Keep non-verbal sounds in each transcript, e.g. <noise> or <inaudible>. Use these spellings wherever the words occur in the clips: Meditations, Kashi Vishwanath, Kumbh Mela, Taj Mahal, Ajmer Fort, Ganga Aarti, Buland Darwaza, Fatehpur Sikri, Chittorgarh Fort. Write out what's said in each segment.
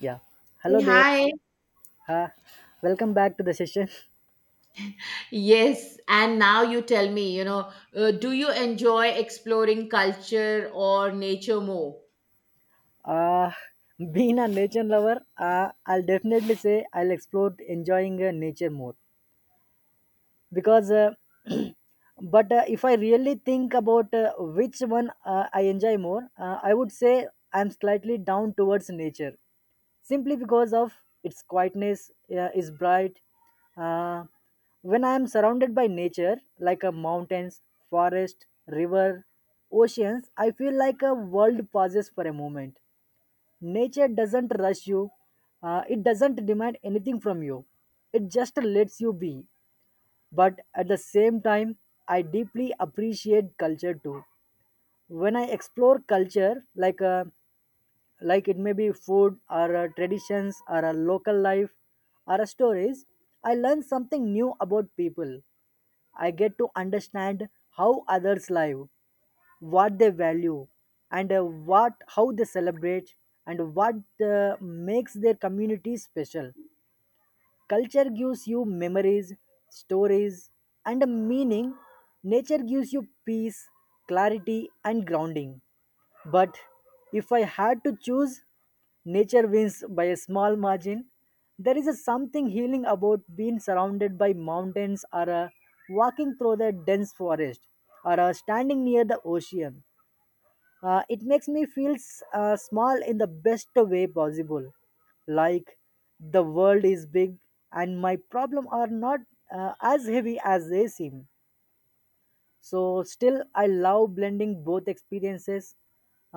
Yeah. Hello Hey, there. hi. Uh, Welcome back to the session. <laughs> Yes, and now you tell me, do you enjoy exploring culture or nature more? Uh, Being a nature lover, I'll definitely say I'll explore enjoying nature more because. <clears throat> But if I really think about which one I enjoy more, I would say I'm slightly down towards nature simply because of its quietness is bright. uh, when I am surrounded by nature like a mountains, forest, river, oceans, I feel like a world pauses for a moment. Nature doesn't rush you, it doesn't demand anything from you, it just lets you be. But at the same time, I deeply appreciate culture too. When I explore culture, like it may be food or traditions or a local life or a stories, I learn something new about people. I get to understand how others live, what they value, and what how they celebrate and what makes their community special. Culture gives you memories, stories, and a meaning. Nature gives you peace, clarity, and grounding. But if I had to choose, nature wins by a small margin. There is a something healing about being surrounded by mountains or walking through the dense forest or standing near the ocean. It makes me feel small in the best way possible. Like the world is big and my problem are not as heavy as they seem. So still I love blending both experiences.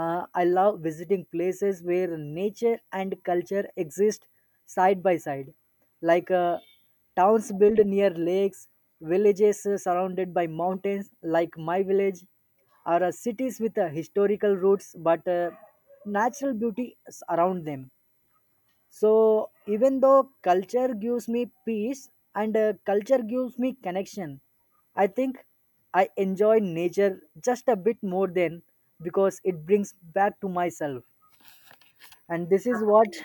I love visiting places where nature and culture exist side by side, like uh, towns built near lakes, villages surrounded by mountains like my village, or cities with historical roots but natural beauty around them. So even though culture gives me peace and culture gives me connection, I think I enjoy nature just a bit more than because it brings back to myself. And this is what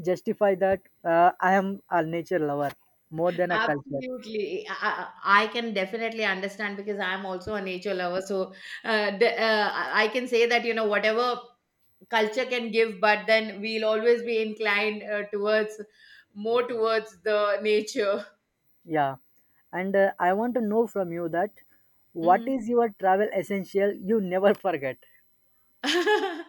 justify that I am a nature lover more than a culture. Absolutely. I can definitely understand because I'm also a nature lover. So I can say that, whatever culture can give, but then we'll always be inclined towards more towards the nature. Yeah. And I want to know from you that what Mhm. is your travel essential you never forget? <laughs> As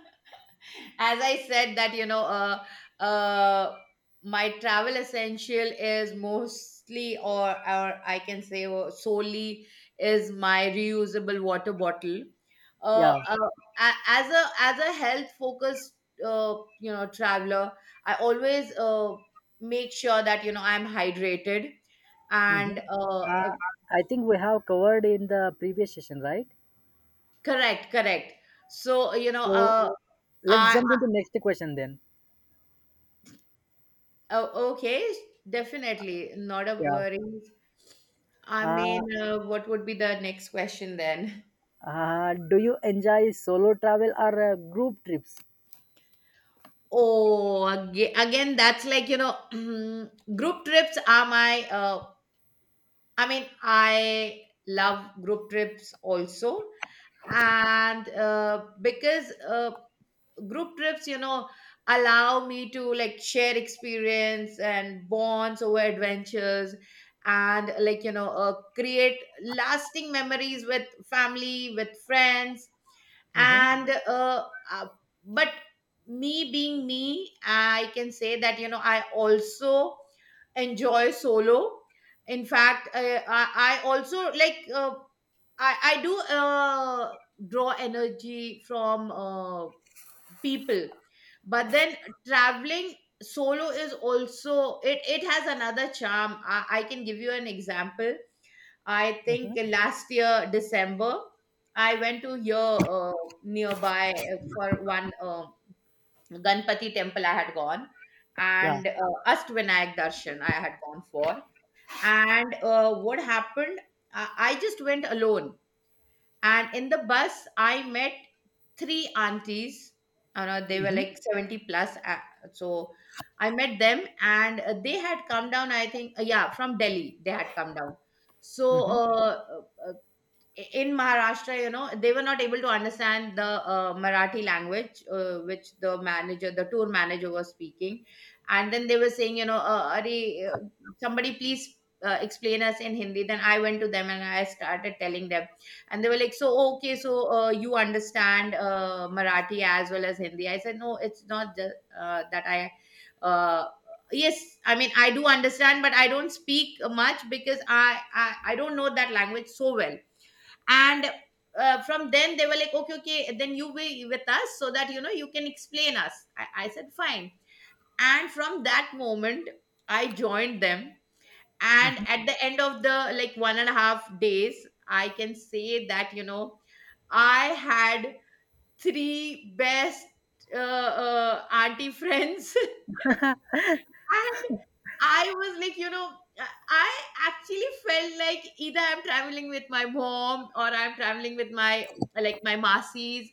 I said, that you know uh, my travel essential is mostly, or or, I can say, solely, is my reusable water bottle. uh, Yeah. uh, a- as a as a health focused traveler, I always make sure that I'm hydrated Hmm. and Uh, I think we have covered in the previous session, right? correct, correct. So, you know So let's I jump into next question then. oh, okay, definitely not a Yeah. worries. I Uh, mean, what would be the next question then? Do you enjoy solo travel or group trips? Oh, again, that's like, <clears throat> group trips are I mean, I love group trips also, and because group trips, allow me to, like, share experience and bonds over adventures, and, like, create lasting memories with family, with friends, Hmm. and uh, but, me being me, I can say that I also enjoy solo. In fact, I also like, I do draw energy from people. But then, traveling solo is also, it has another charm. I can give you an example. I think last year December, I went to here, nearby, for one, ganpati temple I had gone, Yeah. and astvinayak darshan I had gone for. And what happened, I just went alone, and in the bus, I met three aunties. They were Hmm. like 70 plus. So I met them, and they had come down, I think, yeah, from Delhi. They had come down. So Hmm. Uh, in Maharashtra, they were not able to understand the Marathi language, which the manager, the tour manager, was speaking. And then they were saying, "Arey, somebody please explain us in Hindi." Then I went to them and I started telling them. And they were like, so, okay, you understand Marathi as well as Hindi. I said, no, it's not just that I. Uh, yes, I mean, I do understand, but I don't speak much because I don't know that language so well. And from then they were like, okay, okay, then you be with us so that you can explain us. I said fine, and from that moment I joined them. And Hmm. at the end of the, like, 1.5 days, I can say that I had three best auntie friends. <laughs> And I was like, I I actually felt like either I'm traveling with my mom, or I'm traveling with, my like my masis.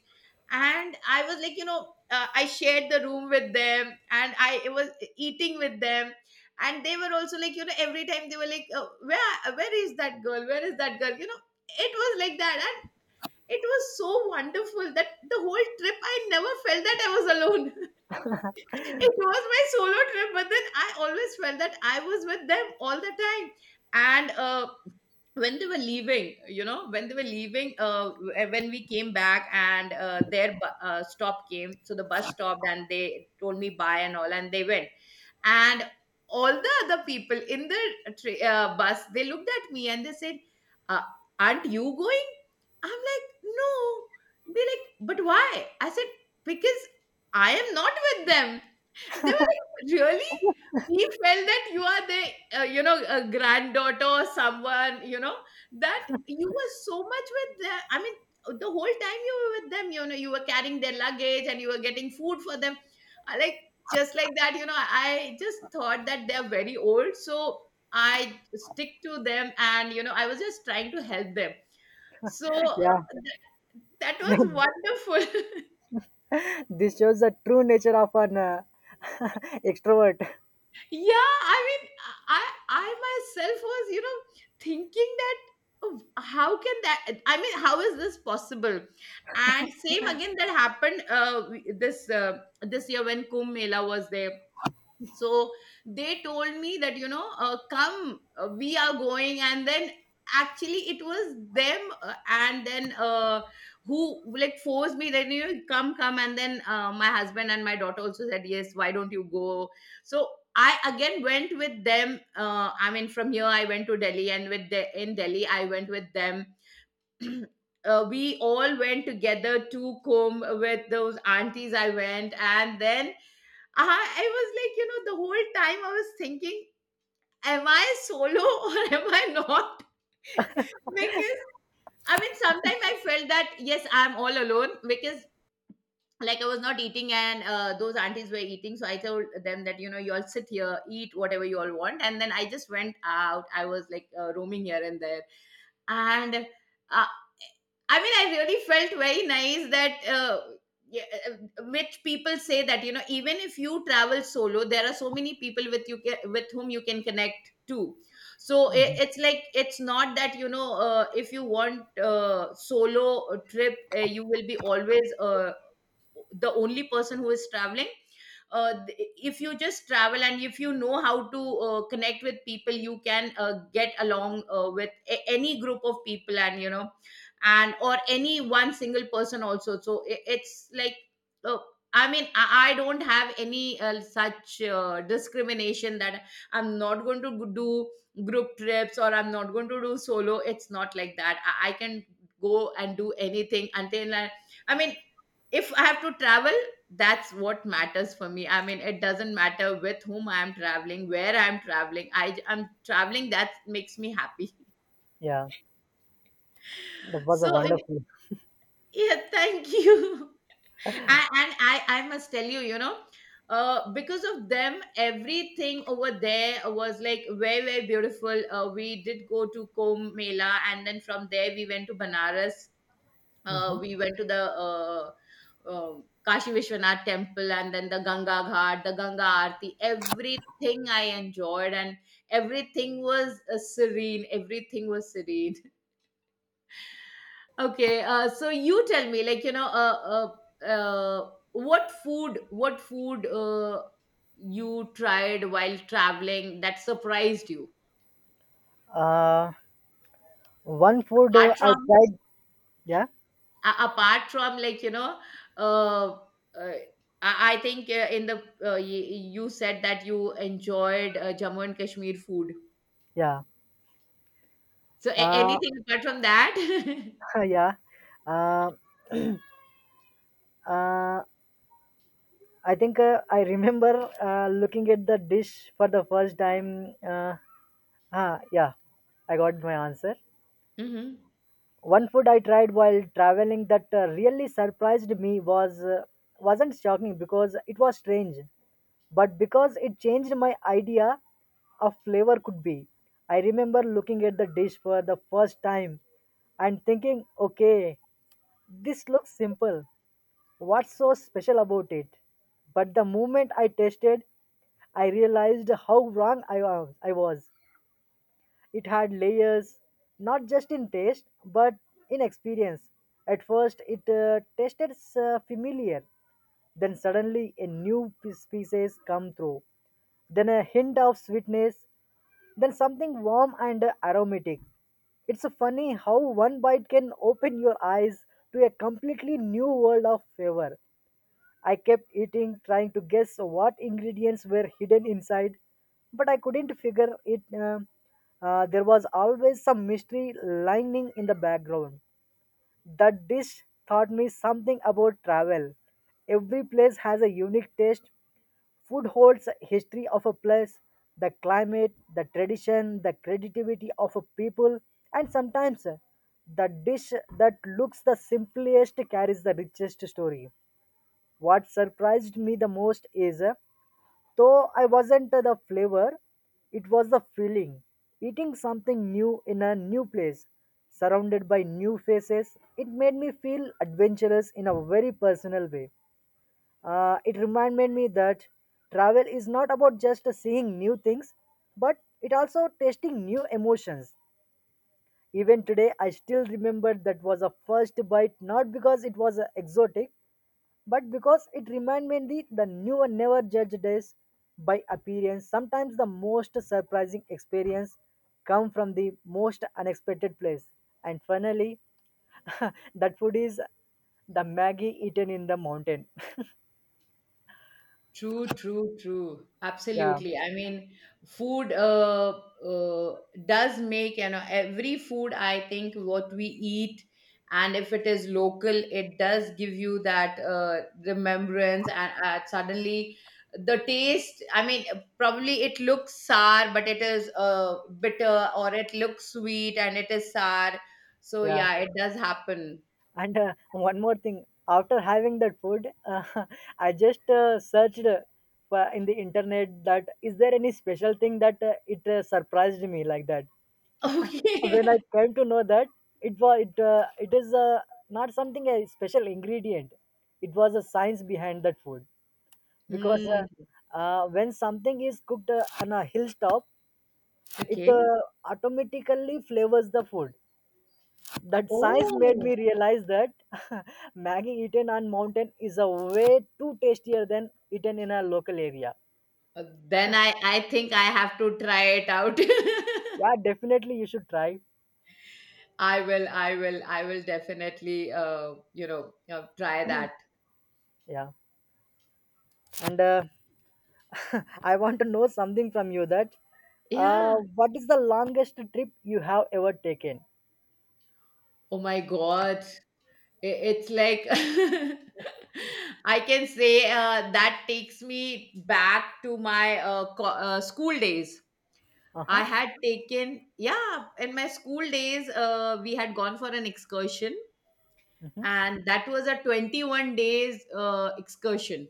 And I was like, I shared the room with them, and I it was eating with them. And they were also like, every time they were like, where, is that girl? Where is that girl? It was like that. And it was so wonderful that the whole trip I never felt that I was alone. <laughs> It was my solo trip, but then I always felt that I was with them all the time. And when they were leaving, when we came back, and their stop came, so the bus stopped and they told me bye and all, and they went. And all the other people in the bus, they looked at me and they said, uh, aren't you going? I'm like, no. They're like, but why? I said, because I am not with them. They were like, really? We felt that you are a granddaughter or someone, that you were so much with them. I mean, the whole time you were with them, you were carrying their luggage and you were getting food for them. I like, just like that, I just thought that they're very old, so I stick to them, and, I was just trying to help them. So Yeah, that was <laughs> wonderful. <laughs> this shows the true nature of an <laughs> extrovert. Yeah, I mean, I myself was, thinking that, oh, how can that I mean, how is this possible? And same again, that happened. This, year, when kumbh mela was there. So they told me that, come, we are going. And then, actually, it was them, and then, who, like, forced me that, come, come. And then, my husband and my daughter also said, yes, why don't you go? So I again went with them. I mean, from here I went to Delhi, and in Delhi I went with them. <clears throat> We all went together to comb with those aunties. I went, and then I was like, the whole time I was thinking, am I solo <laughs> or am I not? <laughs> Because, I mean, sometimes I felt that, yes, I'm all alone, because, like, I was not eating, and those aunties were eating. So I told them that, you all sit here, eat whatever you all want, and then I just went out. I was like, roaming here and there. And. Uh, I mean, I really felt very nice that, yeah, which people say, that even if you travel solo, there are so many people with with whom you can connect to. So it's like, it's not that, if you want solo trip, you will be always the only person who is traveling. If you just travel, and if you know how to connect with people, you can get along with any group of people, and and or any one single person also. So it's like, uh, I mean, I don't have any such discrimination that I'm not going to do group trips, or I'm not going to do solo. It's not like that. I can go and do anything. Until I mean, if I have to travel, that's what matters for me. I mean, it doesn't matter with whom I am traveling, where I am traveling. I am traveling. That makes me happy. <laughs> Yeah, that was a So, wonderful. yeah, thank you. <laughs> And I must tell you, because of them, everything over there was, like, very, very beautiful. We did go to Kumbh Mela, and then from there we went to Banaras. Hmm. We went to the uh, Kashi Vishwanath temple, and then the Ganga Ghat, the Ganga Aarti. Everything I enjoyed, and everything was serene. Everything was serene. <laughs> Okay, so you tell me, like, what food, you tried while traveling that surprised you? Uh, One food Apart I from tried. Yeah, like, uh, uh, I think, in the you said that you enjoyed, jammu and kashmir food, yeah, so uh, anything apart from that? <laughs> yeah. Uh, uh, I think I remember looking at the dish for the first time. Yeah, I got my answer. <laughs> Hmm. One food I tried while traveling that really surprised me was wasn't shocking because it was strange, but because it changed my idea of flavor could be. I remember looking at the dish for the first time and thinking, okay, this looks simple, what's so special about it? But the moment I tasted, I realized how wrong I was. It had layers, not just in taste, but in experience. At first, it tasted familiar. Then suddenly, a new species come through. Then a hint of sweetness. Then something warm and aromatic. It's funny how one bite can open your eyes to a completely new world of flavor. I kept eating, trying to guess what ingredients were hidden inside, but I couldn't figure it. There was always some mystery lying in the background. That dish taught me something about travel. Every place has a unique taste. Food holds a history of a place, the climate, the tradition, the creativity of a people, and sometimes the dish that looks the simplest carries the richest story. What surprised me the most is, though I wasn't the flavor, it was the feeling. Eating something new in a new place, surrounded by new faces, it made me feel adventurous in a very personal way. It reminded me that travel is not about just seeing new things, but it also tasting new emotions. Even today, I still remember that was a first bite, not because it was exotic, but because it reminded me the new and never judged us by appearance. Sometimes the most surprising experience come from the most unexpected place. And finally, <laughs> that food is the Maggie eaten in the mountain. True, true, true. Yeah, Absolutely. I mean, food uh, does make, every food, I think, what we eat, and if it is local, it does give you that remembrance. And suddenly, the taste, I mean, probably it looks sour, but it is bitter, or it looks sweet and it is sour. So, yeah. yeah, it does happen. And one more thing, after having that food, <laughs> I just searched in the internet that is there any special thing that it surprised me like that. <laughs> When I Okay. came to know that it was it is not something a special ingredient. It was a science behind that food because Mm. When something is cooked on a hilltop, it Okay. Automatically flavors the food. That science made me Oh. realize that <laughs> Maggie eaten on mountain is a way too tastier than eaten in a local area. Then I think I have to try it out. <laughs> Yeah, definitely you should try. I will, I will, I will definitely, try that. Yeah, and <laughs> I want to know something from you that Yeah. what is the longest trip you have ever taken? Oh my God. It's like, <laughs> I can say that takes me back to my school days. Uh huh. Yeah, in my school days, we had gone for an excursion, Mm-hmm. and that was a 21 days excursion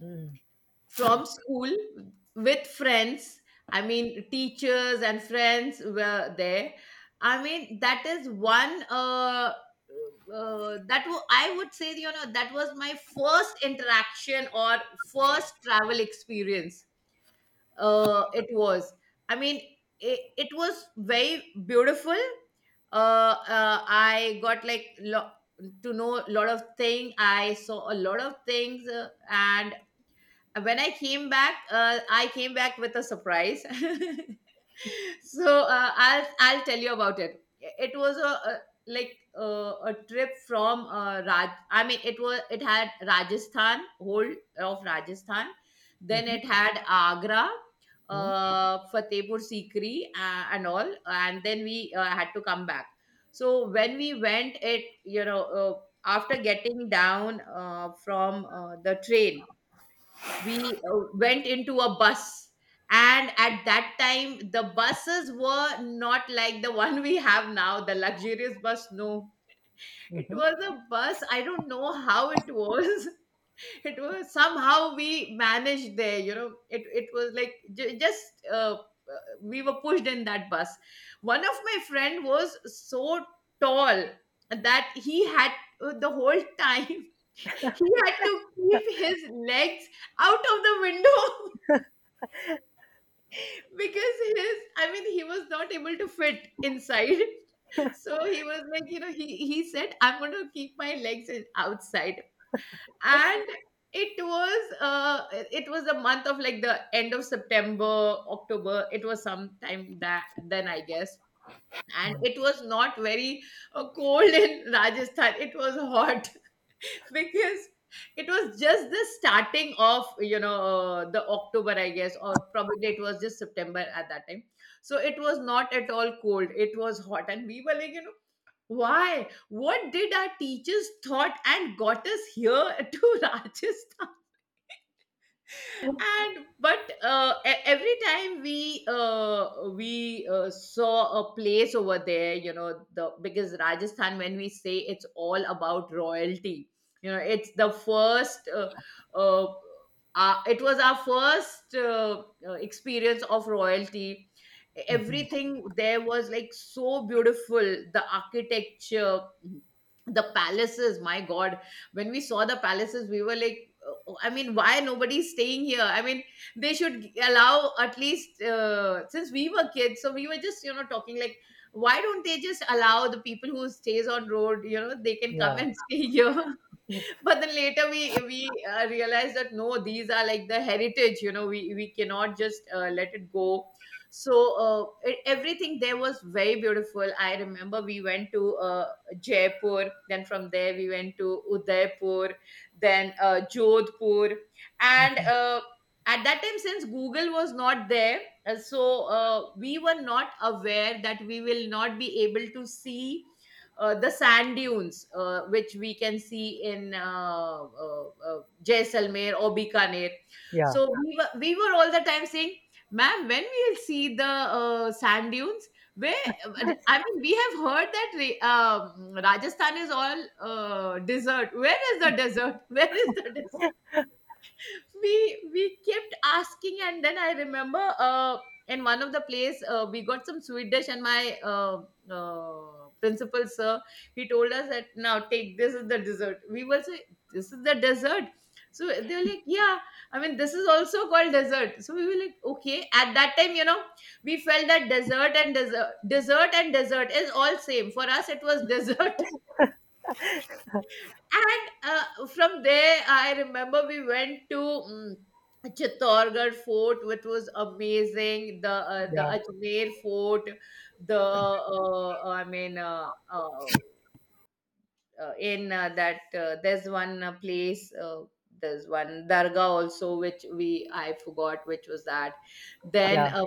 Mm-hmm. from school, with friends. I mean, teachers and friends were there. I mean, that is one, I would say, that was my first interaction, or first travel experience. It was, I mean, it was very beautiful. I got, like, to know a lot of things. I saw a lot of things, and when I came back with a surprise. <laughs> So I'll tell you about it. It was a like, a trip from, Raj. I mean, it had Rajasthan, whole of Rajasthan. Then it had Agra, Mm-hmm. Fatehpur Sikri, and all. And then we had to come back. So when we went, it you know after getting down from the train, we went into a bus. And at that time, the buses were not like the one we have now, the luxurious bus. No, it Mm-hmm. was a bus, I don't know how it was. <laughs> It was, somehow we managed there, you know, it was like j- just uh, uh, we were pushed in that bus. One of my friend was so tall that he had the whole time <laughs> he had to keep his legs out of the window. <laughs> Because his I mean he was not able to fit inside. <laughs> So he was like, you know, he said, "I'm going to keep my legs outside." And it was, it was the month of like the end of September, October, it was sometime that then, I guess. And it was not very cold. <laughs> In Rajasthan, it was hot. Because it was just the starting of, you know, the October, I guess, or probably it was just September at that time. So it was not at all cold, it was hot. And we were like, you know, why, what did our teachers thought and got us here, <laughs> to Rajasthan. And but every time we saw a place over there, you know, the because Rajasthan, when we say, it's all about royalty. You know, it's the first uh, it was our first experience of royalty. Mm-hmm. Everything there was like so beautiful, the architecture, the palaces, my god. When we saw the palaces, we were like, "Oh, oh, I mean, why nobody's staying here? I mean, they should allow at least," since we were kids, so we were just, you know, talking like, "Why don't they just allow the people who stays on road, you know, they can come Yeah. and <laughs> stay here." <laughs> But then later we realized that no, these are like the heritage, you know, we cannot just let it go. So everything there was very beautiful. I remember we went to Jaipur, then from there we went to Udaipur, then Jodhpur. And at that time, since Google was not there, uh, so we were not aware that we will not be able to see the sand dunes which we can see in Jaisalmer or Bikaner. Yeah. So we were all the time saying, "Ma'am, when we will see the sand dunes? Where, I mean, we have heard that Rajasthan is all desert. Where is the desert? <laughs> Where is the desert?" we we kept asking. And then I remember in one of the place, we got some sweet dish, and my principal sir, he told us that, "Now take, this is the dessert." We were say, "This is the dessert?" So they were like, "Yeah, I mean, this is also called dessert." So we were like, okay, at that time, you know, we felt that dessert and dessert, dessert and dessert is all same for us, it was <laughs> dessert. And from there, I remember we went to Chittorgarh Fort, which was amazing. The Yeah. Ajmer Fort, the I mean, in that there's one place, there's one dargah also, which we, I forgot which was that. Then Yeah.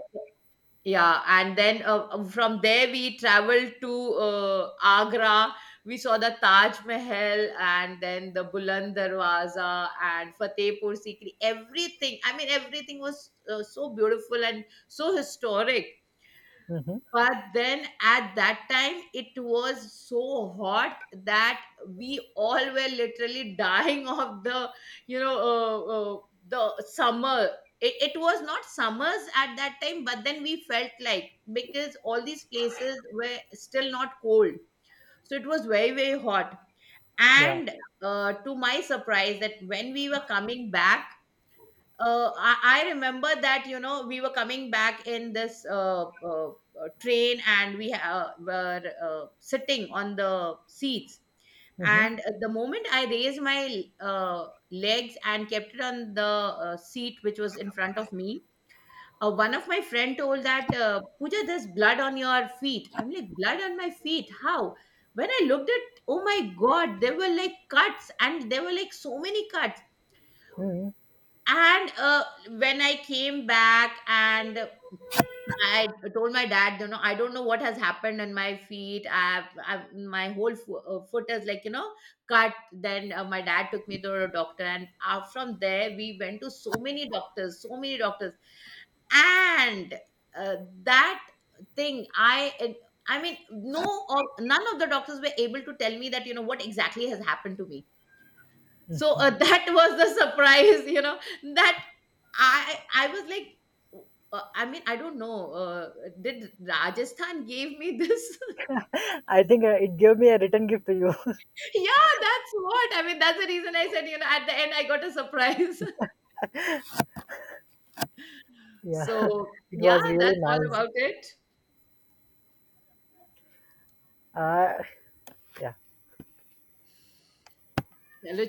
yeah, and then from there we traveled to Agra. We saw the Taj Mahal and then the Buland Darwaza and Fatehpur Sikri. Everything, I mean, everything was so beautiful and so historic. Mm-hmm. But then at that time, it was so hot that we all were literally <laughs> dying of the, you know, uh, the summer. It was not summers at that time, but then we felt like, because all these places were still not cold. So it was very, very hot. Yeah. And to my surprise, that when we were coming back, I remember that, you know, we were coming back in this train, and we were sitting on the seats. Mm-hmm. And the moment I raised my legs and kept it on the seat which was in front of me, one of my friend told that, Puja, there's blood on your feet." I'm like, "Blood on my feet? How?" When I looked at, oh my god, there were like cuts, and there were like so many cuts. Hmm. And when I came back, and I told my dad, "You know, I don't know what has happened on my feet. I've my whole foot is like, you know, cut." Then my dad took me to a doctor, and from there we went to so many doctors, so many doctors. And uh, that thing I and- I mean, no of none of the doctors were able to tell me that, you know, what exactly has happened to me. So <laughs> that was the surprise, you know, that I was like, I mean, I don't know, did Rajasthan gave me this? <laughs> <laughs> I think it gave me a return gift to you. Yeah, that's what I mean, that's the reason I said, you know, at the end I got a surprise. <laughs> <laughs> Yeah. <laughs> So It yeah, was really that's all nice. about it. Uh, yeah. Hello.